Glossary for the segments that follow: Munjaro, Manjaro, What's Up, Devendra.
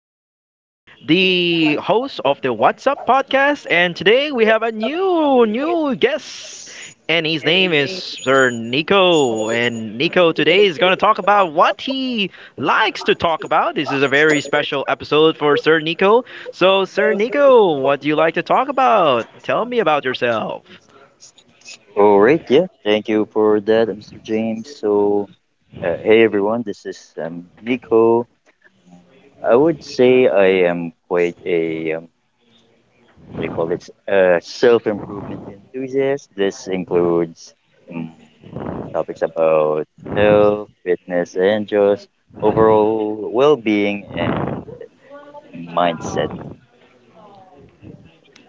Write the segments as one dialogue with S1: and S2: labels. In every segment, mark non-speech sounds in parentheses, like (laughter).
S1: James, the host of the What's Up podcast, and today we have a new guest, and his name is Sir Nico. And Nico today is going to talk about what he likes to talk about. This is a very special episode for Sir Nico. So, Sir Nico, what do you like to talk about? Tell me about yourself.
S2: All right, yeah. Thank you for that, Mr. James. So, hey everyone, this is Nico. I would say I am quite a, what do you call it, self improvement enthusiast. This includes um, topics about health, fitness, and just overall well being and mindset.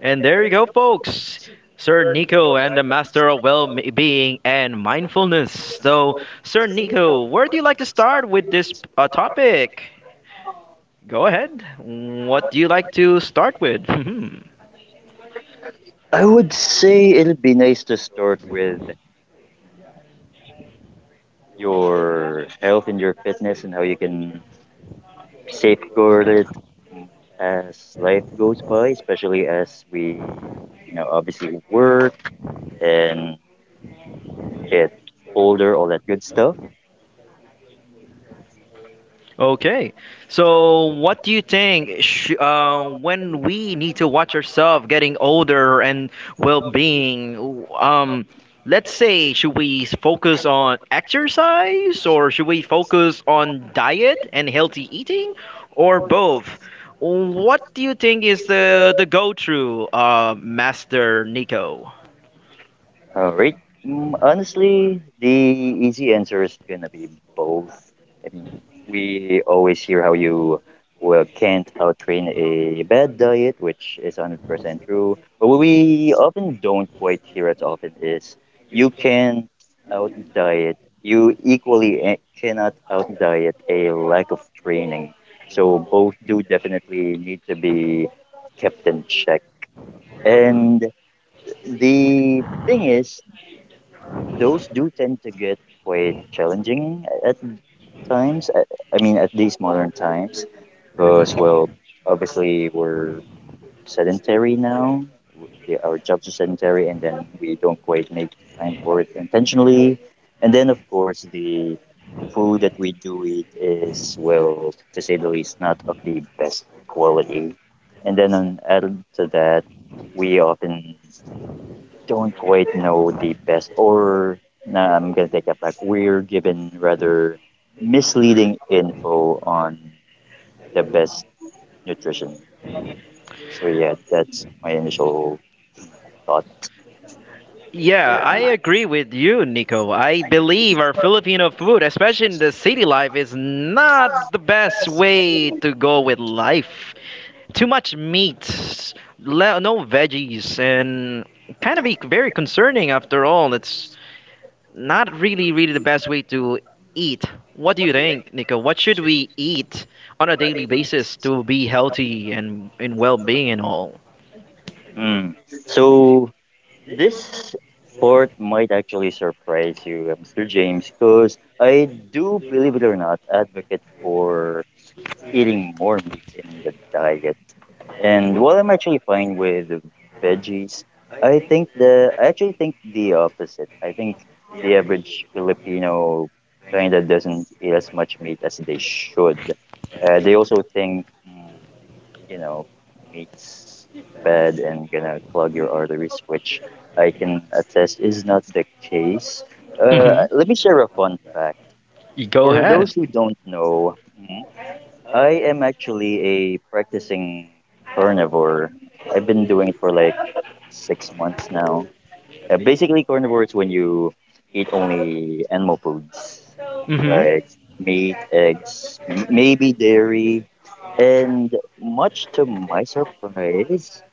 S1: And there you go, folks. Sir Nico and the Master of Well-being and Mindfulness. So, Sir Nico, where do you like to start with this topic? Go ahead. What do you like to start with? (laughs)
S2: I would say it'd be nice to start with your health and your fitness and how you can safeguard it mm, as life goes by, especially as we, obviously work and get older, all that good stuff.
S1: Okay. So, what do you think when we need to watch ourselves getting older and well-being? Let's say, should we focus on exercise or should we focus on diet and healthy eating or both? What do you think is the go-to, Master Nico?
S2: All right. Honestly, the easy answer is gonna be both. I mean, we always hear how you well can't outtrain a bad diet, which is 100% true. But what we often don't quite hear as often is you can out diet. You equally cannot out diet a lack of training. So both do definitely need to be kept in check. And the thing is, those do tend to get quite challenging at times. I mean, at these modern times, because well, obviously we're sedentary now. Our jobs are sedentary, and then we don't quite make time for it intentionally. And then, of course, the food that we do eat is, well, to say the least, not of the best quality. Added to that, we often don't quite know the best, or nah, I'm gonna take that back. We're given rather misleading info on the best nutrition. So yeah, that's my initial thought.
S1: Yeah, I agree with you, Nico. I believe our Filipino food, especially in the city life, is not the best way to go with life. Too much meat, no veggies, and kind of be very concerning after all. It's not really, really the best way to eat. What do you think, Nico? What should we eat on a daily basis to be healthy and in well-being and all?
S2: Mm. So this part might actually surprise you, Mr. James, because I do, believe it or not, advocate for eating more meat in the diet. And while I'm actually fine with veggies, I actually think the opposite. I think the average Filipino kind of doesn't eat as much meat as they should. They also think, you know, meat's bad and gonna clog your arteries, which I can attest is not the case.
S1: Hmm.
S2: Let me share a fun fact.
S1: Go
S2: For
S1: ahead.
S2: those who don't know, I am actually a practicing carnivore. I've been doing it for like 6 months now. Basically, carnivore is when you eat only animal foods like meat, eggs, maybe dairy. And much to my surprise,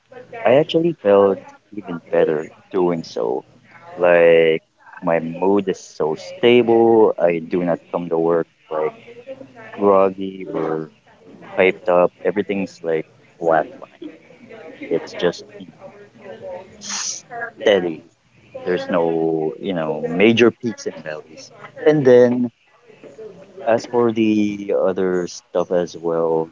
S2: I actually felt even better doing so. Like, my mood is so stable. I do not come to work like groggy or hyped up. Everything's like flatline. It's just steady. There's no major peaks and valleys. And then as for the other stuff as well,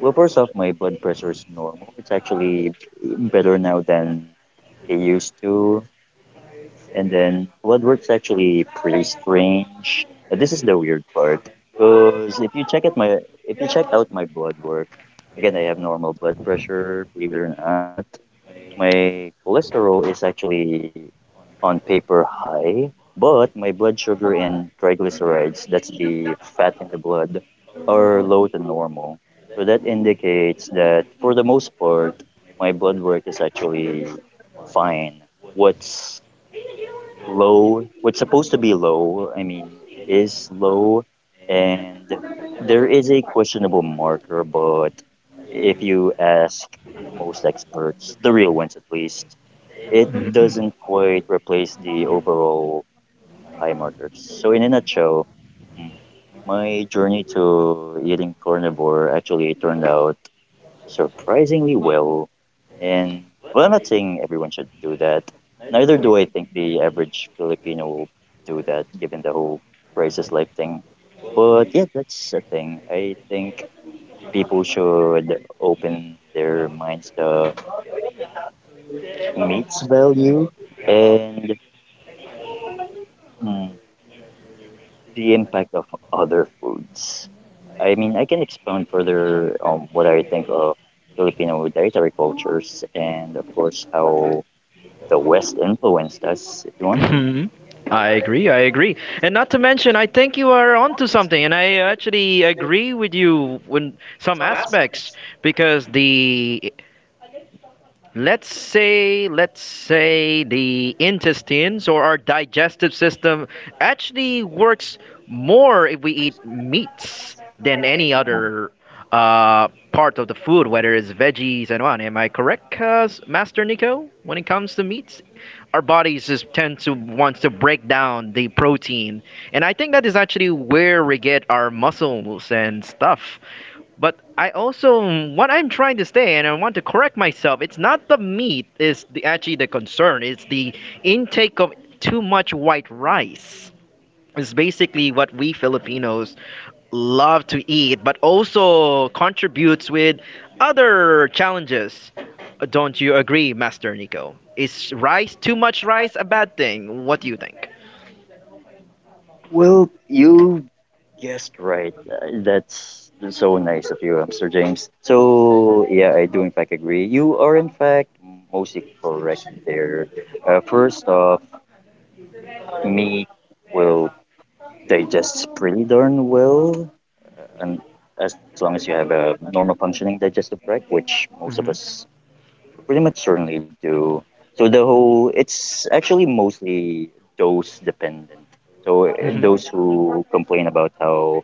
S2: well, first off, my blood pressure is normal. It's actually better now than it used to. And then blood work's actually pretty strange. This is the weird part because if you check at my if you check out my blood work, again I have normal blood pressure, believe it or not. My cholesterol is actually on paper high, but my blood sugar and triglycerides, that's the fat in the blood, are low to normal. So that indicates that for the most part, my blood work is actually fine. What's low, what's supposed to be low, I mean, is low, and there is a questionable marker, but if you ask most experts, the real ones at least, it doesn't quite replace the overall high markers. So in a nutshell, mm, my journey to eating carnivore actually turned out surprisingly well, and well, I'm not saying everyone should do that. Neither do I think the average Filipino will do that, given the whole crisis life thing. But yeah, that's a thing. I think people should open their minds to meat's value and mm, the impact of other foods. I mean, I can expound further on what I think of Filipino dietary cultures and, of course, how the West influenced us, if you want to.
S1: Mhm. I agree. I agree. And not to mention, I think you are onto something, and I actually agree with you in some aspects because the let's say the intestines or our digestive system actually works more if we eat meats than any
S2: Um,
S1: other part of the food, whether it's veggies and on. Am I correct, Master Nico, when it comes to meats? Our bodies just tend to wants to break down the protein, and I think that is actually where we get our muscles and stuff. But I also, what I'm trying to say, and I want to correct myself, it's not the meat is actually the concern, it's the intake of too much white rice. It's basically what we filipinos love to eat, but also contributes with other challenges. Don't you agree, Master Nico? Is rice, too much rice a bad thing? What do you think?
S2: Well, you guessed right. That's so nice of you, Mr. James. So, yeah, I do in fact agree. You are in fact mostly correct there. First off, meat will digest pretty darn well, and as long as you have a normal functioning digestive tract, which most of
S1: Mhm.
S2: us pretty much certainly do. So the whole it's actually mostly dose dependent. So
S1: Mhm.
S2: those who complain about how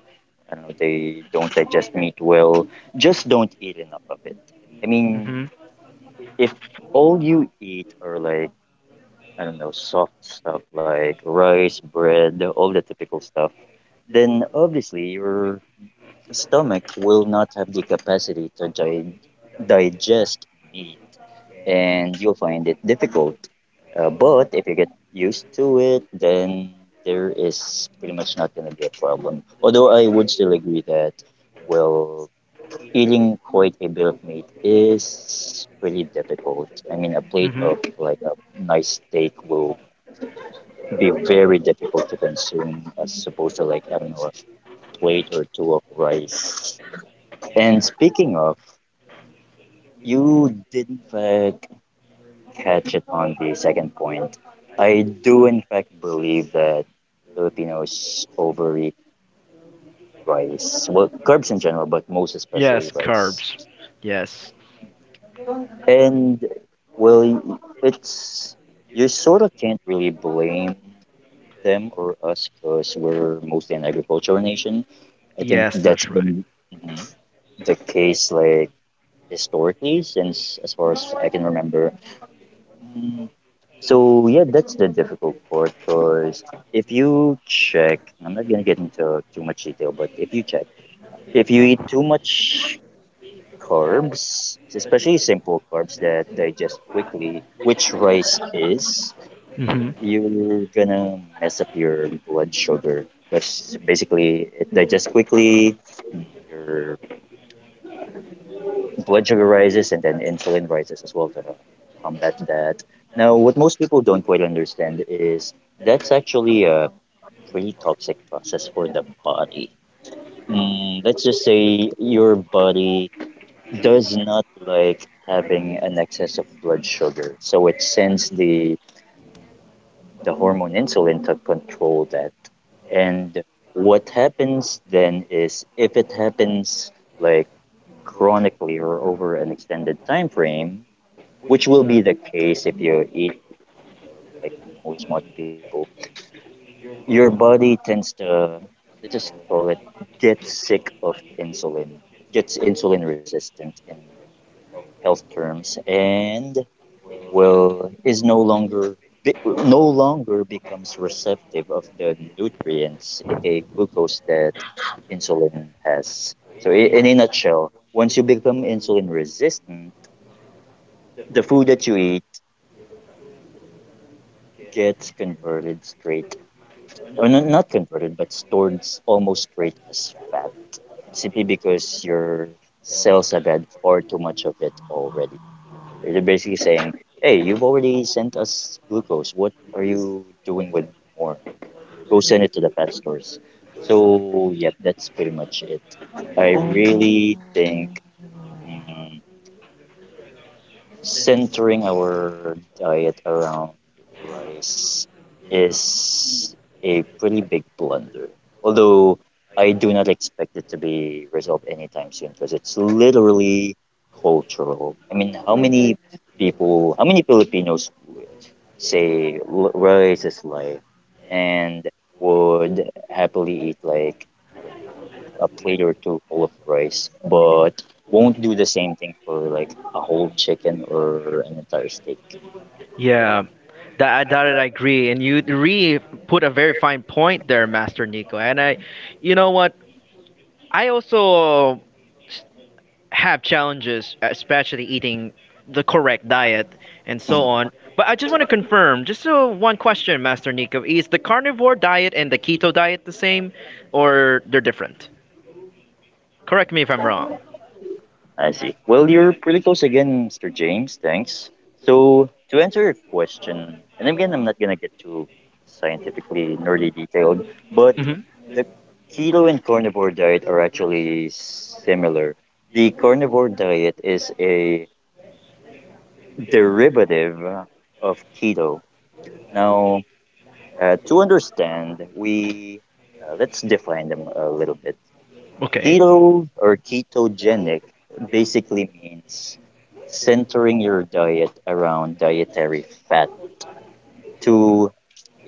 S2: I don't know they don't digest meat well, just don't eat enough of it. I mean,
S1: Mhm.
S2: if all you eat are like I don't know soft stuff like rice, bread, all the typical stuff, then obviously you're stomach will not have the capacity to digest meat and you'll find it difficult. But if you get used to it, then there is pretty much not going to be a problem. Although I would still agree that, well, eating quite a bit of meat is pretty difficult. I mean, a plate
S1: Mhm.
S2: of like a nice steak will be very difficult to consume as opposed to like, I don't know, a plate or two of rice. And speaking of, you did in fact catch it on the second point. I do in fact believe that Filipinos overeat rice. Well, carbs in general, but most especially
S1: Yes,
S2: rice.
S1: carbs. Yes.
S2: And well, it's you sort of can't really blame them or us because we're mostly an agricultural nation. I think
S1: Yes,
S2: that's
S1: that's right.
S2: been mhm, the case like historically since as far as I can remember. So yeah, that's the difficult part because if you check, I'm not gonna get into too much detail, but if you check, if you eat too much carbs, especially simple carbs that digest quickly, which rice is,
S1: Mhm.
S2: you're gonna mess up your blood sugar because basically it digests quickly, your blood sugar rises, and then insulin rises as well to combat that. Now, what most people don't quite understand is that's actually a pretty toxic process for the body. Let's just say your body does not like having an excess of blood sugar, so it sends the hormone insulin to control that. And what happens then is if it happens like chronically or over an extended time frame, which will be the case if you eat like most modern people your body tends to let's just call it get sick of insulin. It gets insulin resistant in health terms and well is no longer be, no longer becomes receptive of the nutrients aka glucose that insulin has. In a nutshell, once you become insulin resistant, the food that you eat gets converted straight or no- not converted but stored almost straight as fat simply because your cells have had far too much of it already. They're basically saying, hey, you've already sent us glucose. What are you doing with more? Go send it to the pet stores. So, yeah, that's pretty much it. I
S1: Oh.
S2: really think. mm, Centering our diet around rice is a pretty big blunder. Although I do not expect it to be resolved anytime soon because it's literally cultural. I mean, how many people, how many Filipinos would say rice is life and would happily eat, like, I don't know, a plate or two full of rice, but won't do the same thing for like a whole chicken or an entire steak.
S1: Yeah, that I agree, and you re put a very fine point there, Master Nico. And I, you know what? I also have challenges, especially eating the correct diet and so
S2: Mhm.
S1: on. But I just want to confirm, just so one question, Master Nico, is the carnivore diet and the keto diet the same, or they're different? Correct me if I'm wrong.
S2: I see. Well, you're pretty close again, Mr. James. Thanks. So, to answer your question, and again, I'm not going to get too scientifically nerdy detailed, but
S1: Hmm.
S2: the keto and carnivore diet are actually similar. The carnivore diet is a derivative of keto. Now, to understand, we let's define them a little bit.
S1: Okay.
S2: Keto or ketogenic basically means centering your diet around dietary fat to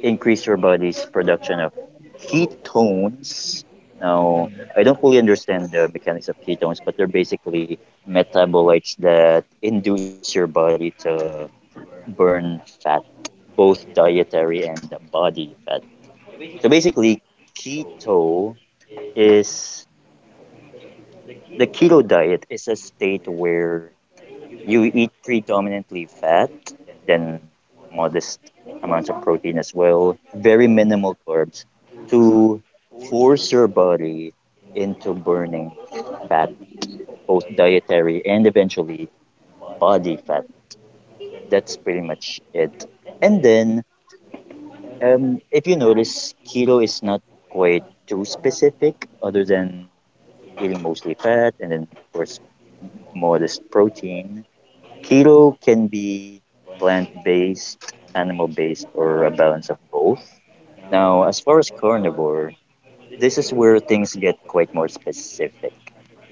S2: increase your body's production of ketones. Now, I don't fully understand the mechanics of ketones, but they're basically metabolites that induce your body to burn fat, both dietary and body fat. So basically, keto is the keto diet is a state where you eat predominantly fat, then modest amounts of protein as well, very minimal carbs to force your body into burning fat, both dietary and eventually body fat. That's pretty much it. And then, if you notice, keto is not quite too specific, other than eating mostly fat and then, of course, modest protein. Keto can be plant based, animal based, or a balance of both. Now, as far as carnivore, this is where things get quite more specific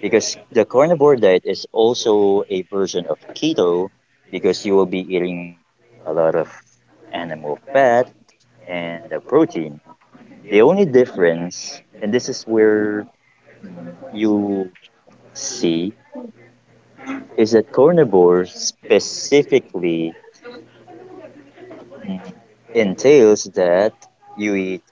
S2: because the carnivore diet is also a version of keto because you will be eating a lot of animal fat and the protein. The only difference, and this is where you see, is that carnivore specifically Mm. entails that you eat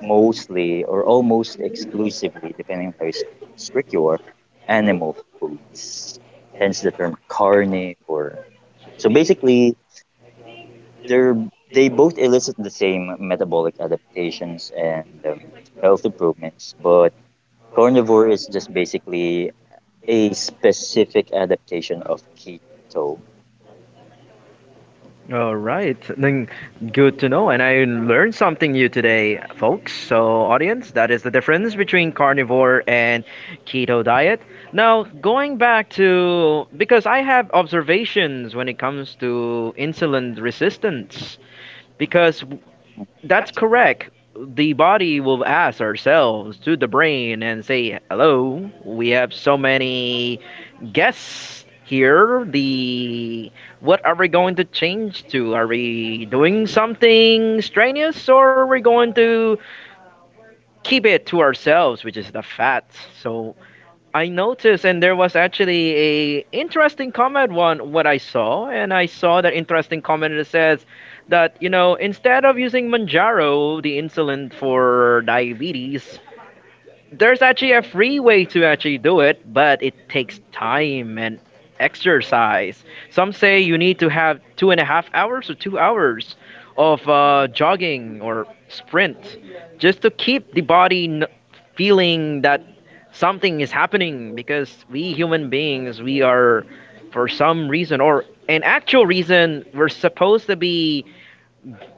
S2: mostly or almost exclusively, depending on how strict you are, animal foods. Hence the term carnivore. So basically, they're they both elicit the same metabolic adaptations and health improvements, but carnivore is just basically a specific adaptation of keto.
S1: All right, then good to know. And I learned something new today, folks. So, audience, that is the difference between carnivore and keto diet. Now, going back to because I have observations when it comes to insulin resistance, because that's correct. The body will ask ourselves to the brain and say, "Hello, we have so many guests here." The what are we going to change to? Are we doing something strenuous, or are we going to keep it to ourselves, which is the fat? So I noticed, and there was actually a interesting comment on what I saw, and I saw that interesting comment that says that you know instead of using Manjaro, the insulin for diabetes, there's actually a free way to actually do it, but it takes time and exercise. Some say you need to have 2.5 hours or 2 hours of jogging or sprint just to keep the body feeling that something is happening, because we human beings, we are, for some reason or an actual reason, we're supposed to be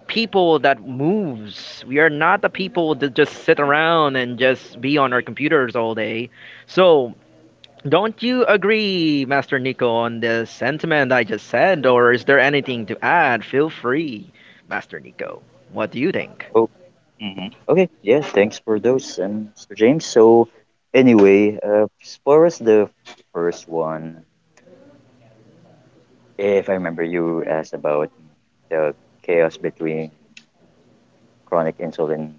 S1: people that moves. We are not the people that just sit around and just be on our computers all day. So, don't you agree, Master Nico, on the sentiment I just said, or is there anything to add? Feel free, Master Nico. What do you think?
S2: Okay, yeah, thanks for those, and Mr. James. So, anyway, as far as the first one, if I remember, you asked about the chaos between chronic insulin,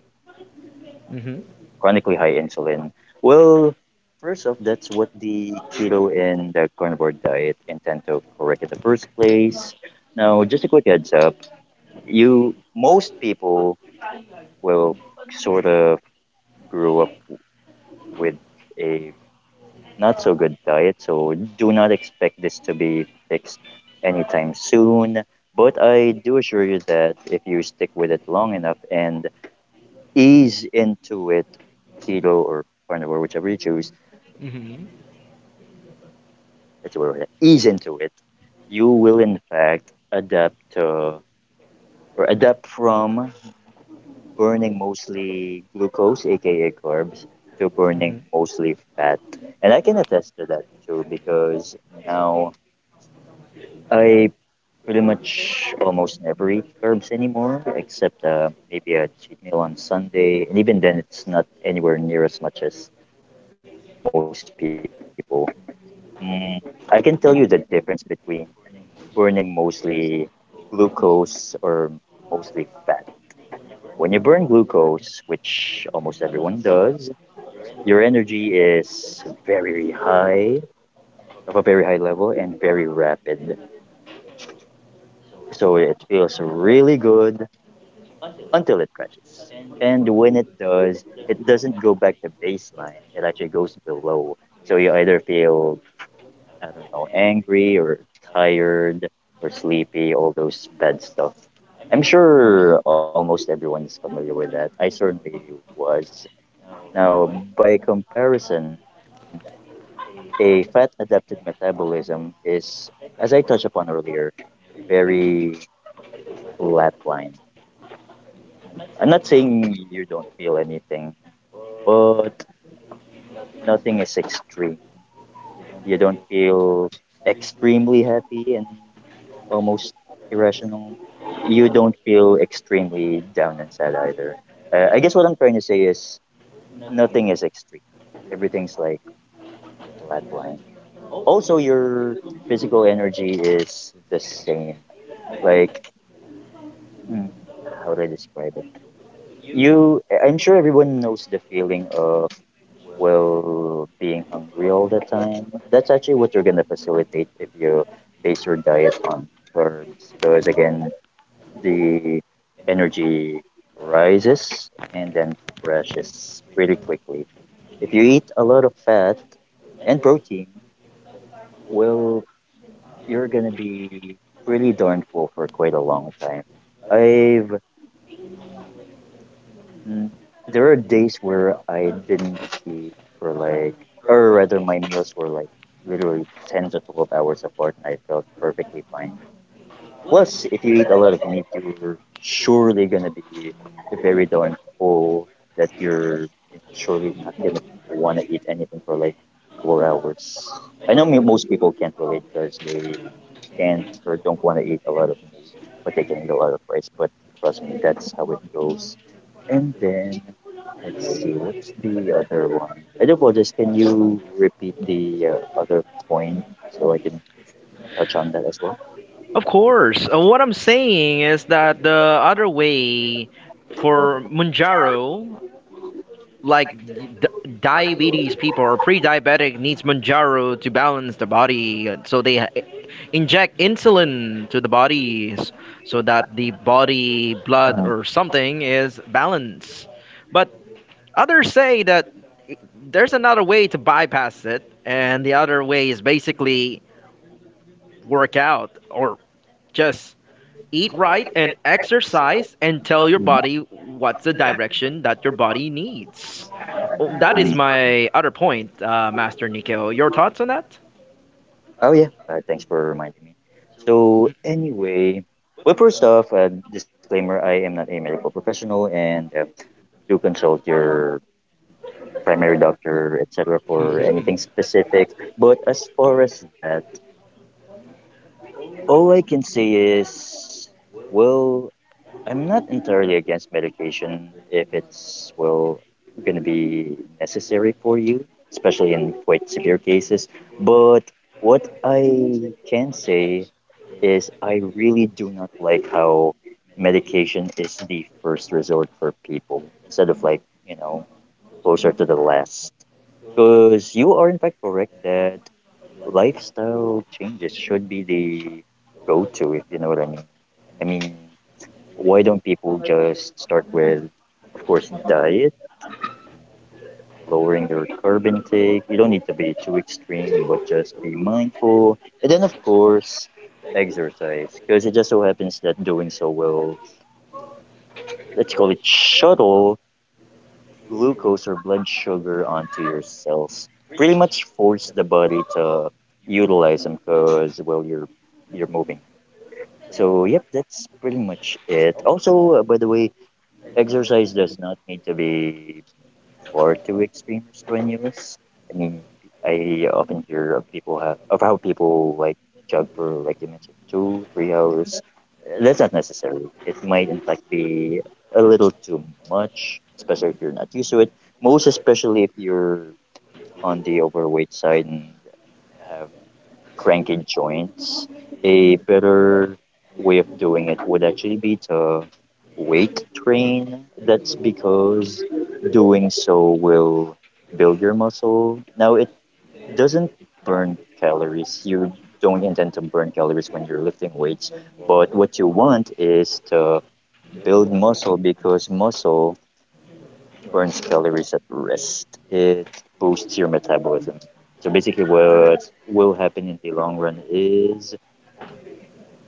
S1: Hmm.
S2: chronically high insulin. Well, first off, that's what the keto and the carnivore diet intend to correct in the first place. Now, just a quick heads up, you most people will sort of grew up with a not so good diet, so do not expect this to be fixed anytime soon. But I do assure you that if you stick with it long enough and ease into it, keto or carnivore, whichever you choose,
S1: Hmm.
S2: that's where we're at, ease into it, you will in fact adapt to or adapt from burning mostly glucose, aka carbs, to burning
S1: Hmm.
S2: mostly fat. And I can attest to that too because now I pretty much almost never eat carbs anymore, except maybe a cheat meal on Sunday. And even then, it's not anywhere near as much as most people. Mm, I can tell you the difference between burning mostly glucose or mostly fat. When you burn glucose, which almost everyone does, your energy is very high, of a very high level, and very rapid. So it feels really good until it crashes. And when it does, it doesn't go back to baseline. It actually goes below. So you either feel, I don't know, angry or tired or sleepy, all those bad stuff. I'm sure almost everyone is familiar with that. I certainly was. Now, by comparison, a fat adapted metabolism is, as I touched upon earlier, very flat line. I'm not saying you don't feel anything, but nothing is extreme. You don't feel extremely happy and almost irrational. You don't feel extremely down and sad either. I guess what I'm trying to say is nothing is extreme. Everything's like flat line. Also, your physical energy is the same. Like, hmm, how do I describe it? I'm sure everyone knows the feeling of Will being hungry all the time. That's actually what you're gonna facilitate if you base your diet on carbs, because again, the energy rises and then crashes pretty quickly. If you eat a lot of fat and protein, well, you're gonna be pretty darn full for quite a long time. I've Mm, There are days where I didn't eat for, like, or rather, my meals were like literally 10 to 12 hours apart, and I felt perfectly fine. Plus, if you eat a lot of meat, you're surely gonna be very darn full, that you're surely not gonna wanna eat anything for like 4 hours. I know most people can't relate because they can't or don't want to eat a lot of meat, but they can eat a lot of rice. But trust me, that's how it goes. And then, let's see, what's the other one? I do apologize. Can you repeat the other point so I can touch on that as well?
S1: Of course. What I'm saying is that the other way for Munjaro, like d- diabetes people or pre-diabetic, needs Manjaro to balance the body, so they inject insulin to the body, so that the body blood
S2: Uh,
S1: or something is balanced, but others say that i- there's another way to bypass it, and the other way is basically work out or just eat right and exercise and tell your
S2: mhm.
S1: body what's the direction that your body needs. Well, that is
S2: Mhm.
S1: my other point, Master Nico. Your thoughts on that?
S2: Oh yeah, thanks for reminding me. So anyway, well, first off, disclaimer: I am not a medical professional, and do consult your primary doctor, etc., for anything
S1: Mhm.
S2: specific. But as far as that, all I can say is, well, I'm not entirely against medication if it's, well, going to be necessary for you, especially in quite severe cases. But what I can say is, I really do not like how medication is the first resort for people, instead of, like, closer to the last. Because you are, in fact, correct that lifestyle changes should be the go to, if you know what I mean. I mean, why don't people just start with, of course, diet, lowering their carb intake? You don't need to be too extreme, but just be mindful. And then, of course, exercise, because it just so happens that doing so will, let's call it, shuttle glucose or blood sugar onto your cells, pretty much force the body to utilize them, because, well, you're moving. So, yep, that's pretty much it. Also, by the way, exercise does not need to be for too extreme or strenuous. I mean, I often hear of how people, like, jog for, like you mentioned, 2 or 3 hours. That's not necessary. It might in fact be a little too much, especially if you're not used to it. Most especially if you're on the overweight side and have cranky joints, a better way of doing it would actually be to weight train. That's because doing so will build your muscle. Now, it doesn't burn calories. You don't intend to burn calories when you're lifting weights, but what you want is to build muscle because muscle burns calories at rest. It boosts your metabolism. So basically, what will happen in the long run is,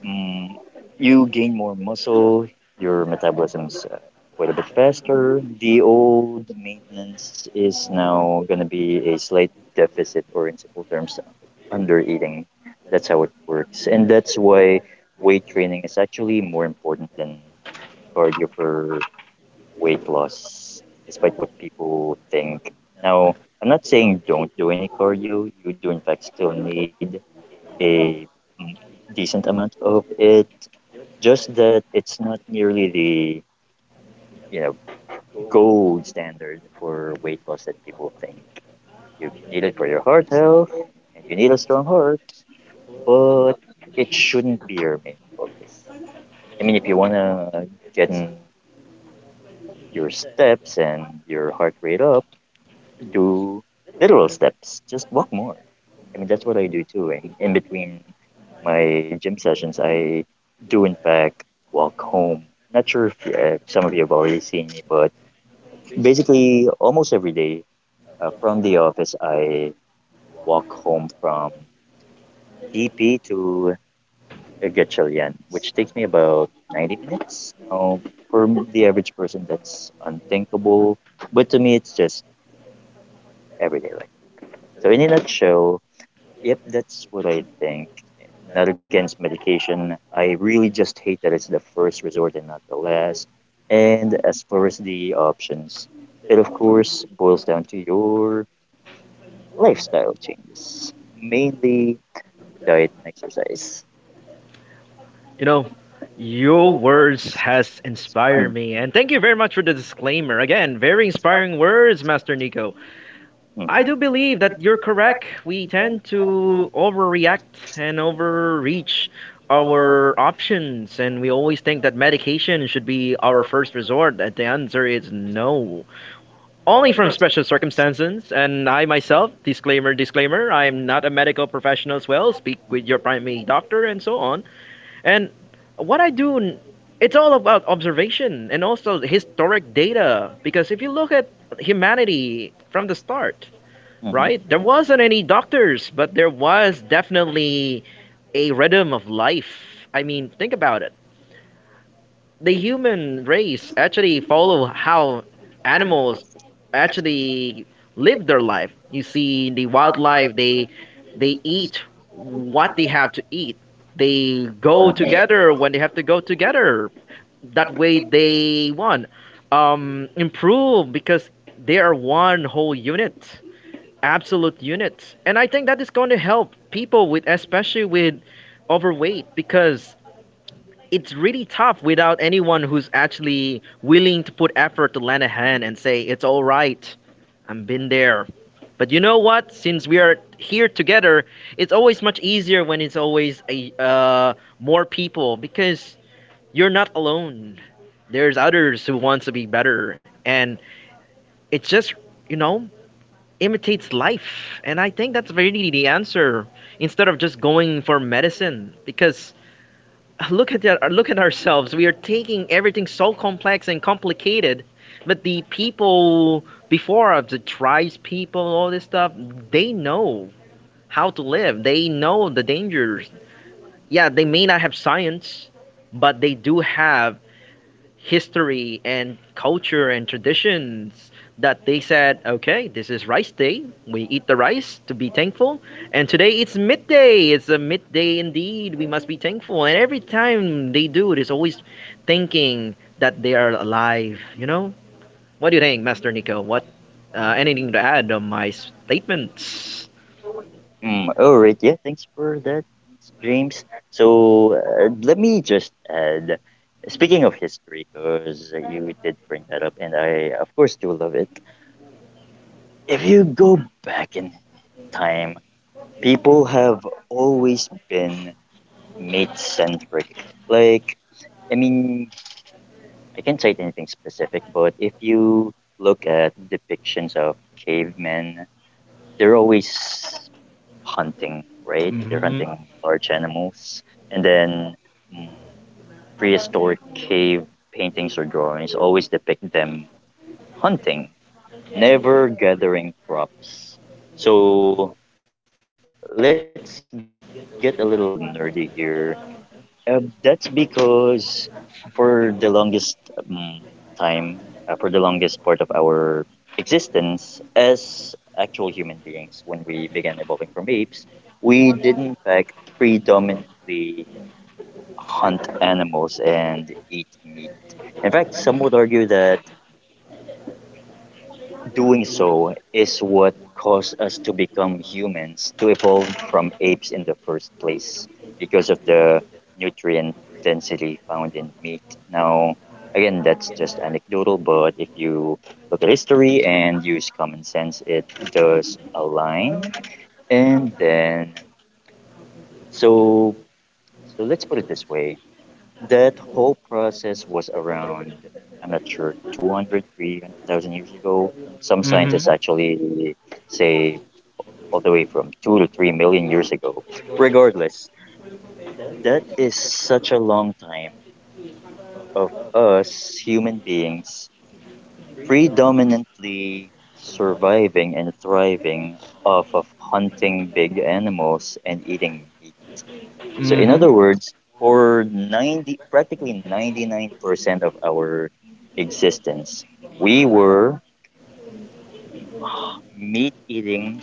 S2: Mm, you gain more muscle, your metabolism's quite a bit faster. The old maintenance is now going to be a slight deficit, or in simple terms, under eating. That's how it works. And that's why weight training is actually more important than cardio for weight loss, despite what people think. Now, I'm not saying don't do any cardio. You do, in fact, still need a decent amount of it. Just that it's not nearly the you know gold standard for weight loss that people think. You need it for your heart health, and you need a strong heart, but it shouldn't be your main focus. I mean, if you wanna get in your steps and your heart rate up, do literal steps, just walk more. I mean, that's what I do too. In between my gym sessions, I do, in fact, walk home. Not sure if some of you have already seen me, but basically, almost every day, from the office, I walk home from TP to, Gatchalian, which takes me about 90 minutes. Now, for the average person, that's unthinkable, but to me, it's just everyday life. So, in a nutshell, yep, that's what I think. Not against medication. I really just hate that it's the first resort and not the last. And as far as the options, it of course boils down to your lifestyle changes, mainly diet and exercise.
S1: You know, your words has inspired
S2: Mm,
S1: me, and thank you very much for the disclaimer. Again, very inspiring words, Master Nico.
S2: mm,
S1: I do believe that you're correct. We tend to overreact and overreach our options, and we always think that medication should be our first resort. That the answer is no, only from special circumstances, and I myself, disclaimer, disclaimer, I'm not a medical professional as well. Speak with your primary doctor and so on. And what I do, it's all about observation and also historic data. Because if you look at humanity from the start,
S2: mhm,
S1: right, there wasn't any doctors, but there was definitely a rhythm of life. I mean, think about it, the human race actually follow how animals actually live their life. You see, the wildlife they eat what they have to eat. They go
S2: mhm,
S1: together when they have to go together. That way, they one improve because they are one whole unit, absolute unit. And I think that is going to help people with, especially with overweight, because it's really tough without anyone who's actually willing to put effort to lend a hand and say it's all right. I've been there. But you know what? Since we are here together, it's always much easier when it's always a more people because you're not alone. There's others who wants to be better, and it just you know imitates life. And I think that's really the answer instead of just going for medicine, because look at ourselves. We are taking everything so complex and complicated, but the people before us, the tribes people, all this stuff, they know how to live. They know the dangers. Yeah, they may not have science, but they do have history and culture and traditions, that they said, okay, this is rice day. We eat the rice to be thankful. And today it's midday. It's a midday indeed. We must be thankful. And every time they do it, it's always thinking that they are alive. You know? What do you think, Master Nico? What? Anything to add on my statements?
S2: mm. All right, yeah, thanks for that, James. So, let me just add, speaking of history, because you did bring that up, and I of course do love it. If you go back in time, people have always been mate centric. Like, I mean, I can't cite anything specific, but if you look at depictions of cavemen, they're always hunting, right? They're
S1: Mhm.
S2: hunting large animals. And then, mm, prehistoric cave paintings or drawings always depict them hunting, never gathering crops. So let's get a little nerdy here. That's because for the longest time, for the longest part of our existence as actual human beings, when we began evolving from apes, we did in fact predominantly hunt animals and eat meat. In fact, some would argue that doing so is what caused us to become humans, to evolve from apes in the first place because of the nutrient density found in meat. Now, again, that's just anecdotal, but if you look at history and use common sense, it does align. And then, so let's put it this way, that whole process was around, I'm not sure, 200, 300000 years ago. Some
S1: Mhm.
S2: scientists actually say all the way from 2 to 3 million years ago. Regardless, that is such a long time of us human beings predominantly surviving and thriving off of hunting big animals and eating. So in
S1: Mhm.
S2: other words, for 90, practically 99% of our existence, we were meat-eating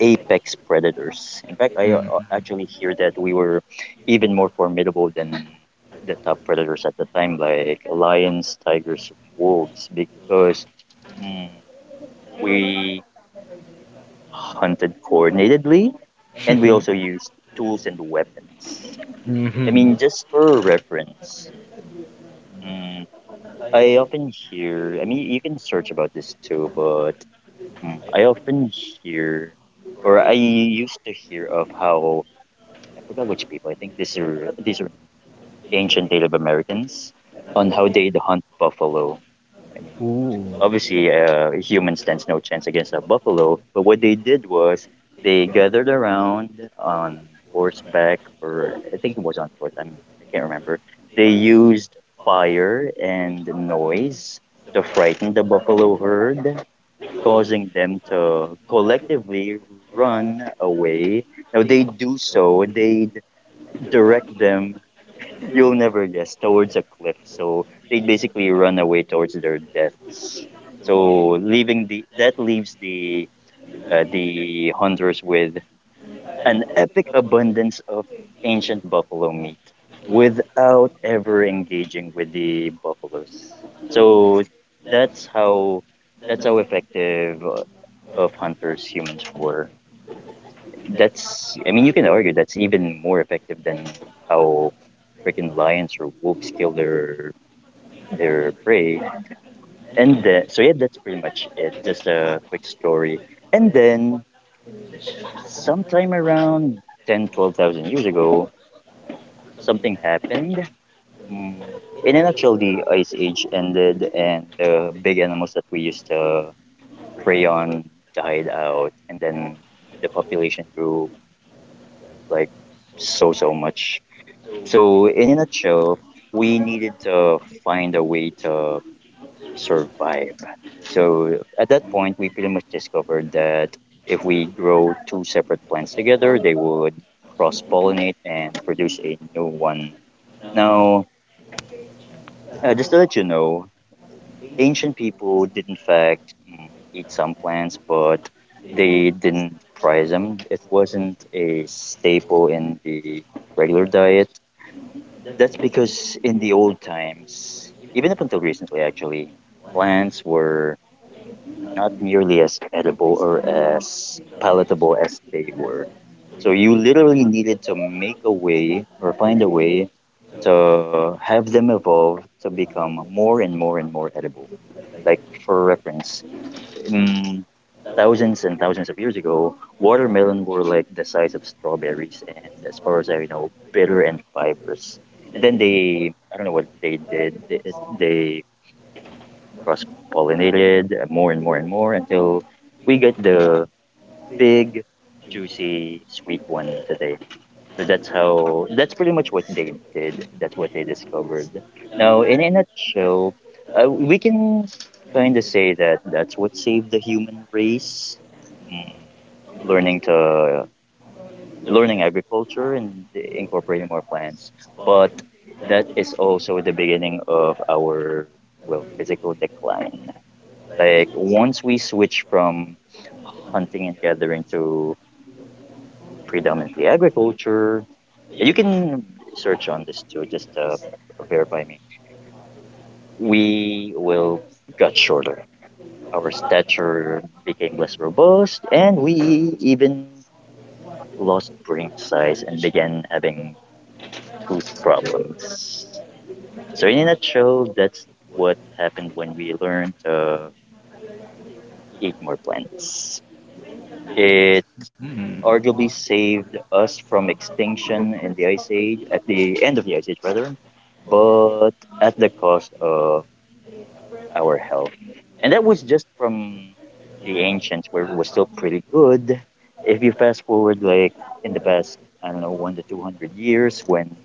S2: apex predators. In fact, I
S1: Mhm.
S2: actually hear that we were even more formidable than the top predators at the time, like lions, tigers, wolves, because mm, we hunted coordinatedly, and we also used tools and weapons. I
S1: Mhm.
S2: mean,
S1: (laughs)
S2: just for reference, mm, I often hear, I mean, you can search about this too, but I often hear, or I used to hear, of how, I forgot which people, I think these are ancient Native Americans, on how they'd hunt buffalo. I mean,
S1: Ooh.
S2: obviously, human stands no chance against a buffalo. But what they did was, they gathered around on horseback, or I think it was on horse. I can't remember. They used fire and noise to frighten the buffalo herd, causing them to collectively run away. Now they do so, they direct them, you'll never guess, towards a cliff. So they basically run away towards their deaths. So leaving the that leaves the hunters with an epic abundance of ancient buffalo meat, without ever engaging with the buffaloes. So that's how, effective of hunters humans were. That's, I mean, you can argue that's even more effective than how freaking lions or wolves kill their prey. And so, yeah, that's pretty much it. Just a quick story. And then sometime around 10 to 12 thousand years ago, something happened. Mm, In a nutshell, the ice age ended, and the big animals that we used to prey on died out, and then the population grew, like, so so much. So, in a nutshell, we needed to find a way to survive. So, at that point, we pretty much discovered that if we grow two separate plants together, they would cross pollinate and produce a new one. Now, just to let you know, ancient people did in fact eat some plants, but they didn't prize them. It wasn't a staple in the regular diet. That's because in the old times, even up until recently actually, plants were not nearly as edible or as palatable as they were. So you literally needed to make a way or find a way to have them evolve to become more and more and more edible. Like, for reference, mm, thousands and thousands of years ago, watermelon were like the size of strawberries, and as far as I know, bitter and fibrous. And then they, I don't know what they did. They cross-pollinated more and more and more until we get the big, juicy, sweet one today. So that's how. That's pretty much what they did. That's what they discovered. Now, in a nutshell, we can kind of say that that's what saved the human race, learning to learning agriculture and incorporating more plants. But that is also the beginning of our, well, physical decline. Like, once we switch from hunting and gathering to predominantly agriculture, you can search on this too, just to verify me. We will got shorter. Our stature became less robust, and we even lost brain size and began having tooth problems. So in a nutshell, that's what happened when we learned to eat more plants. It
S1: Mhm.
S2: arguably saved us from extinction in the ice age, at the end of the ice age rather, but at the cost of our health. And that was just from the ancients, where it was still pretty good. If you fast forward, like, in the past, I don't know, one to two hundred years, when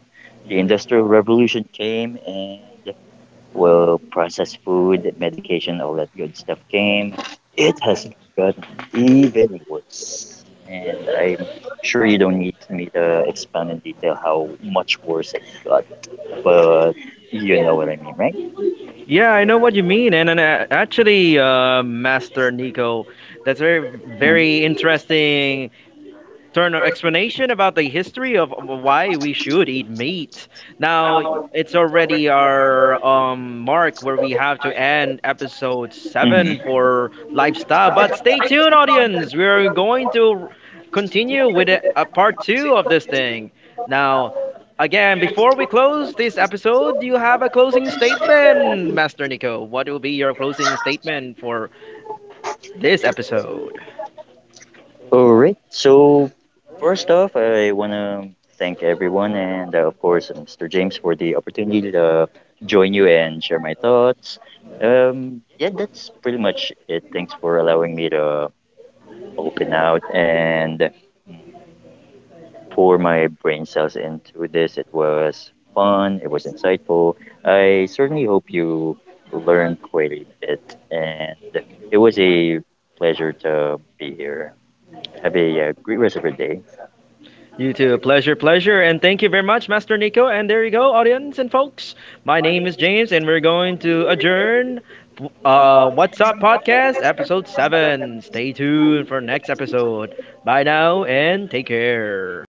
S2: the industrial revolution came, and, well, processed food, medication, all that good stuff came. It has gotten even worse. And I'm sure you don't need me to expound in detail how much worse it got, but you know what I mean, right?
S1: Yeah, I know what you mean, and actually, Master Nico, that's very, very interesting turn of explanation about the history of why we should eat meat. Now it's already our mark where we have to end episode 7
S2: Mhm.
S1: for lifestyle. But stay tuned, audience. We are going to continue with a part two of this thing. Now, again, before we close this episode, do you have a closing statement, Master Nico? What will be your closing statement for this episode?
S2: All right. So, first off, I want to thank everyone and, of course, Mr. James for the opportunity to join you and share my thoughts. Yeah, that's pretty much it. Thanks for allowing me to open out and pour my brain cells into this. It was fun, it was insightful. I certainly hope you learned quite a bit, and it was a pleasure to be here. Have a great rest of your day.
S1: You too. Pleasure, pleasure. And thank you very much, Master Nico. And there you go, audience and folks. My name is James, and we're going to adjourn What's Up Podcast, Episode 7. Stay tuned for next episode. Bye now, and take care.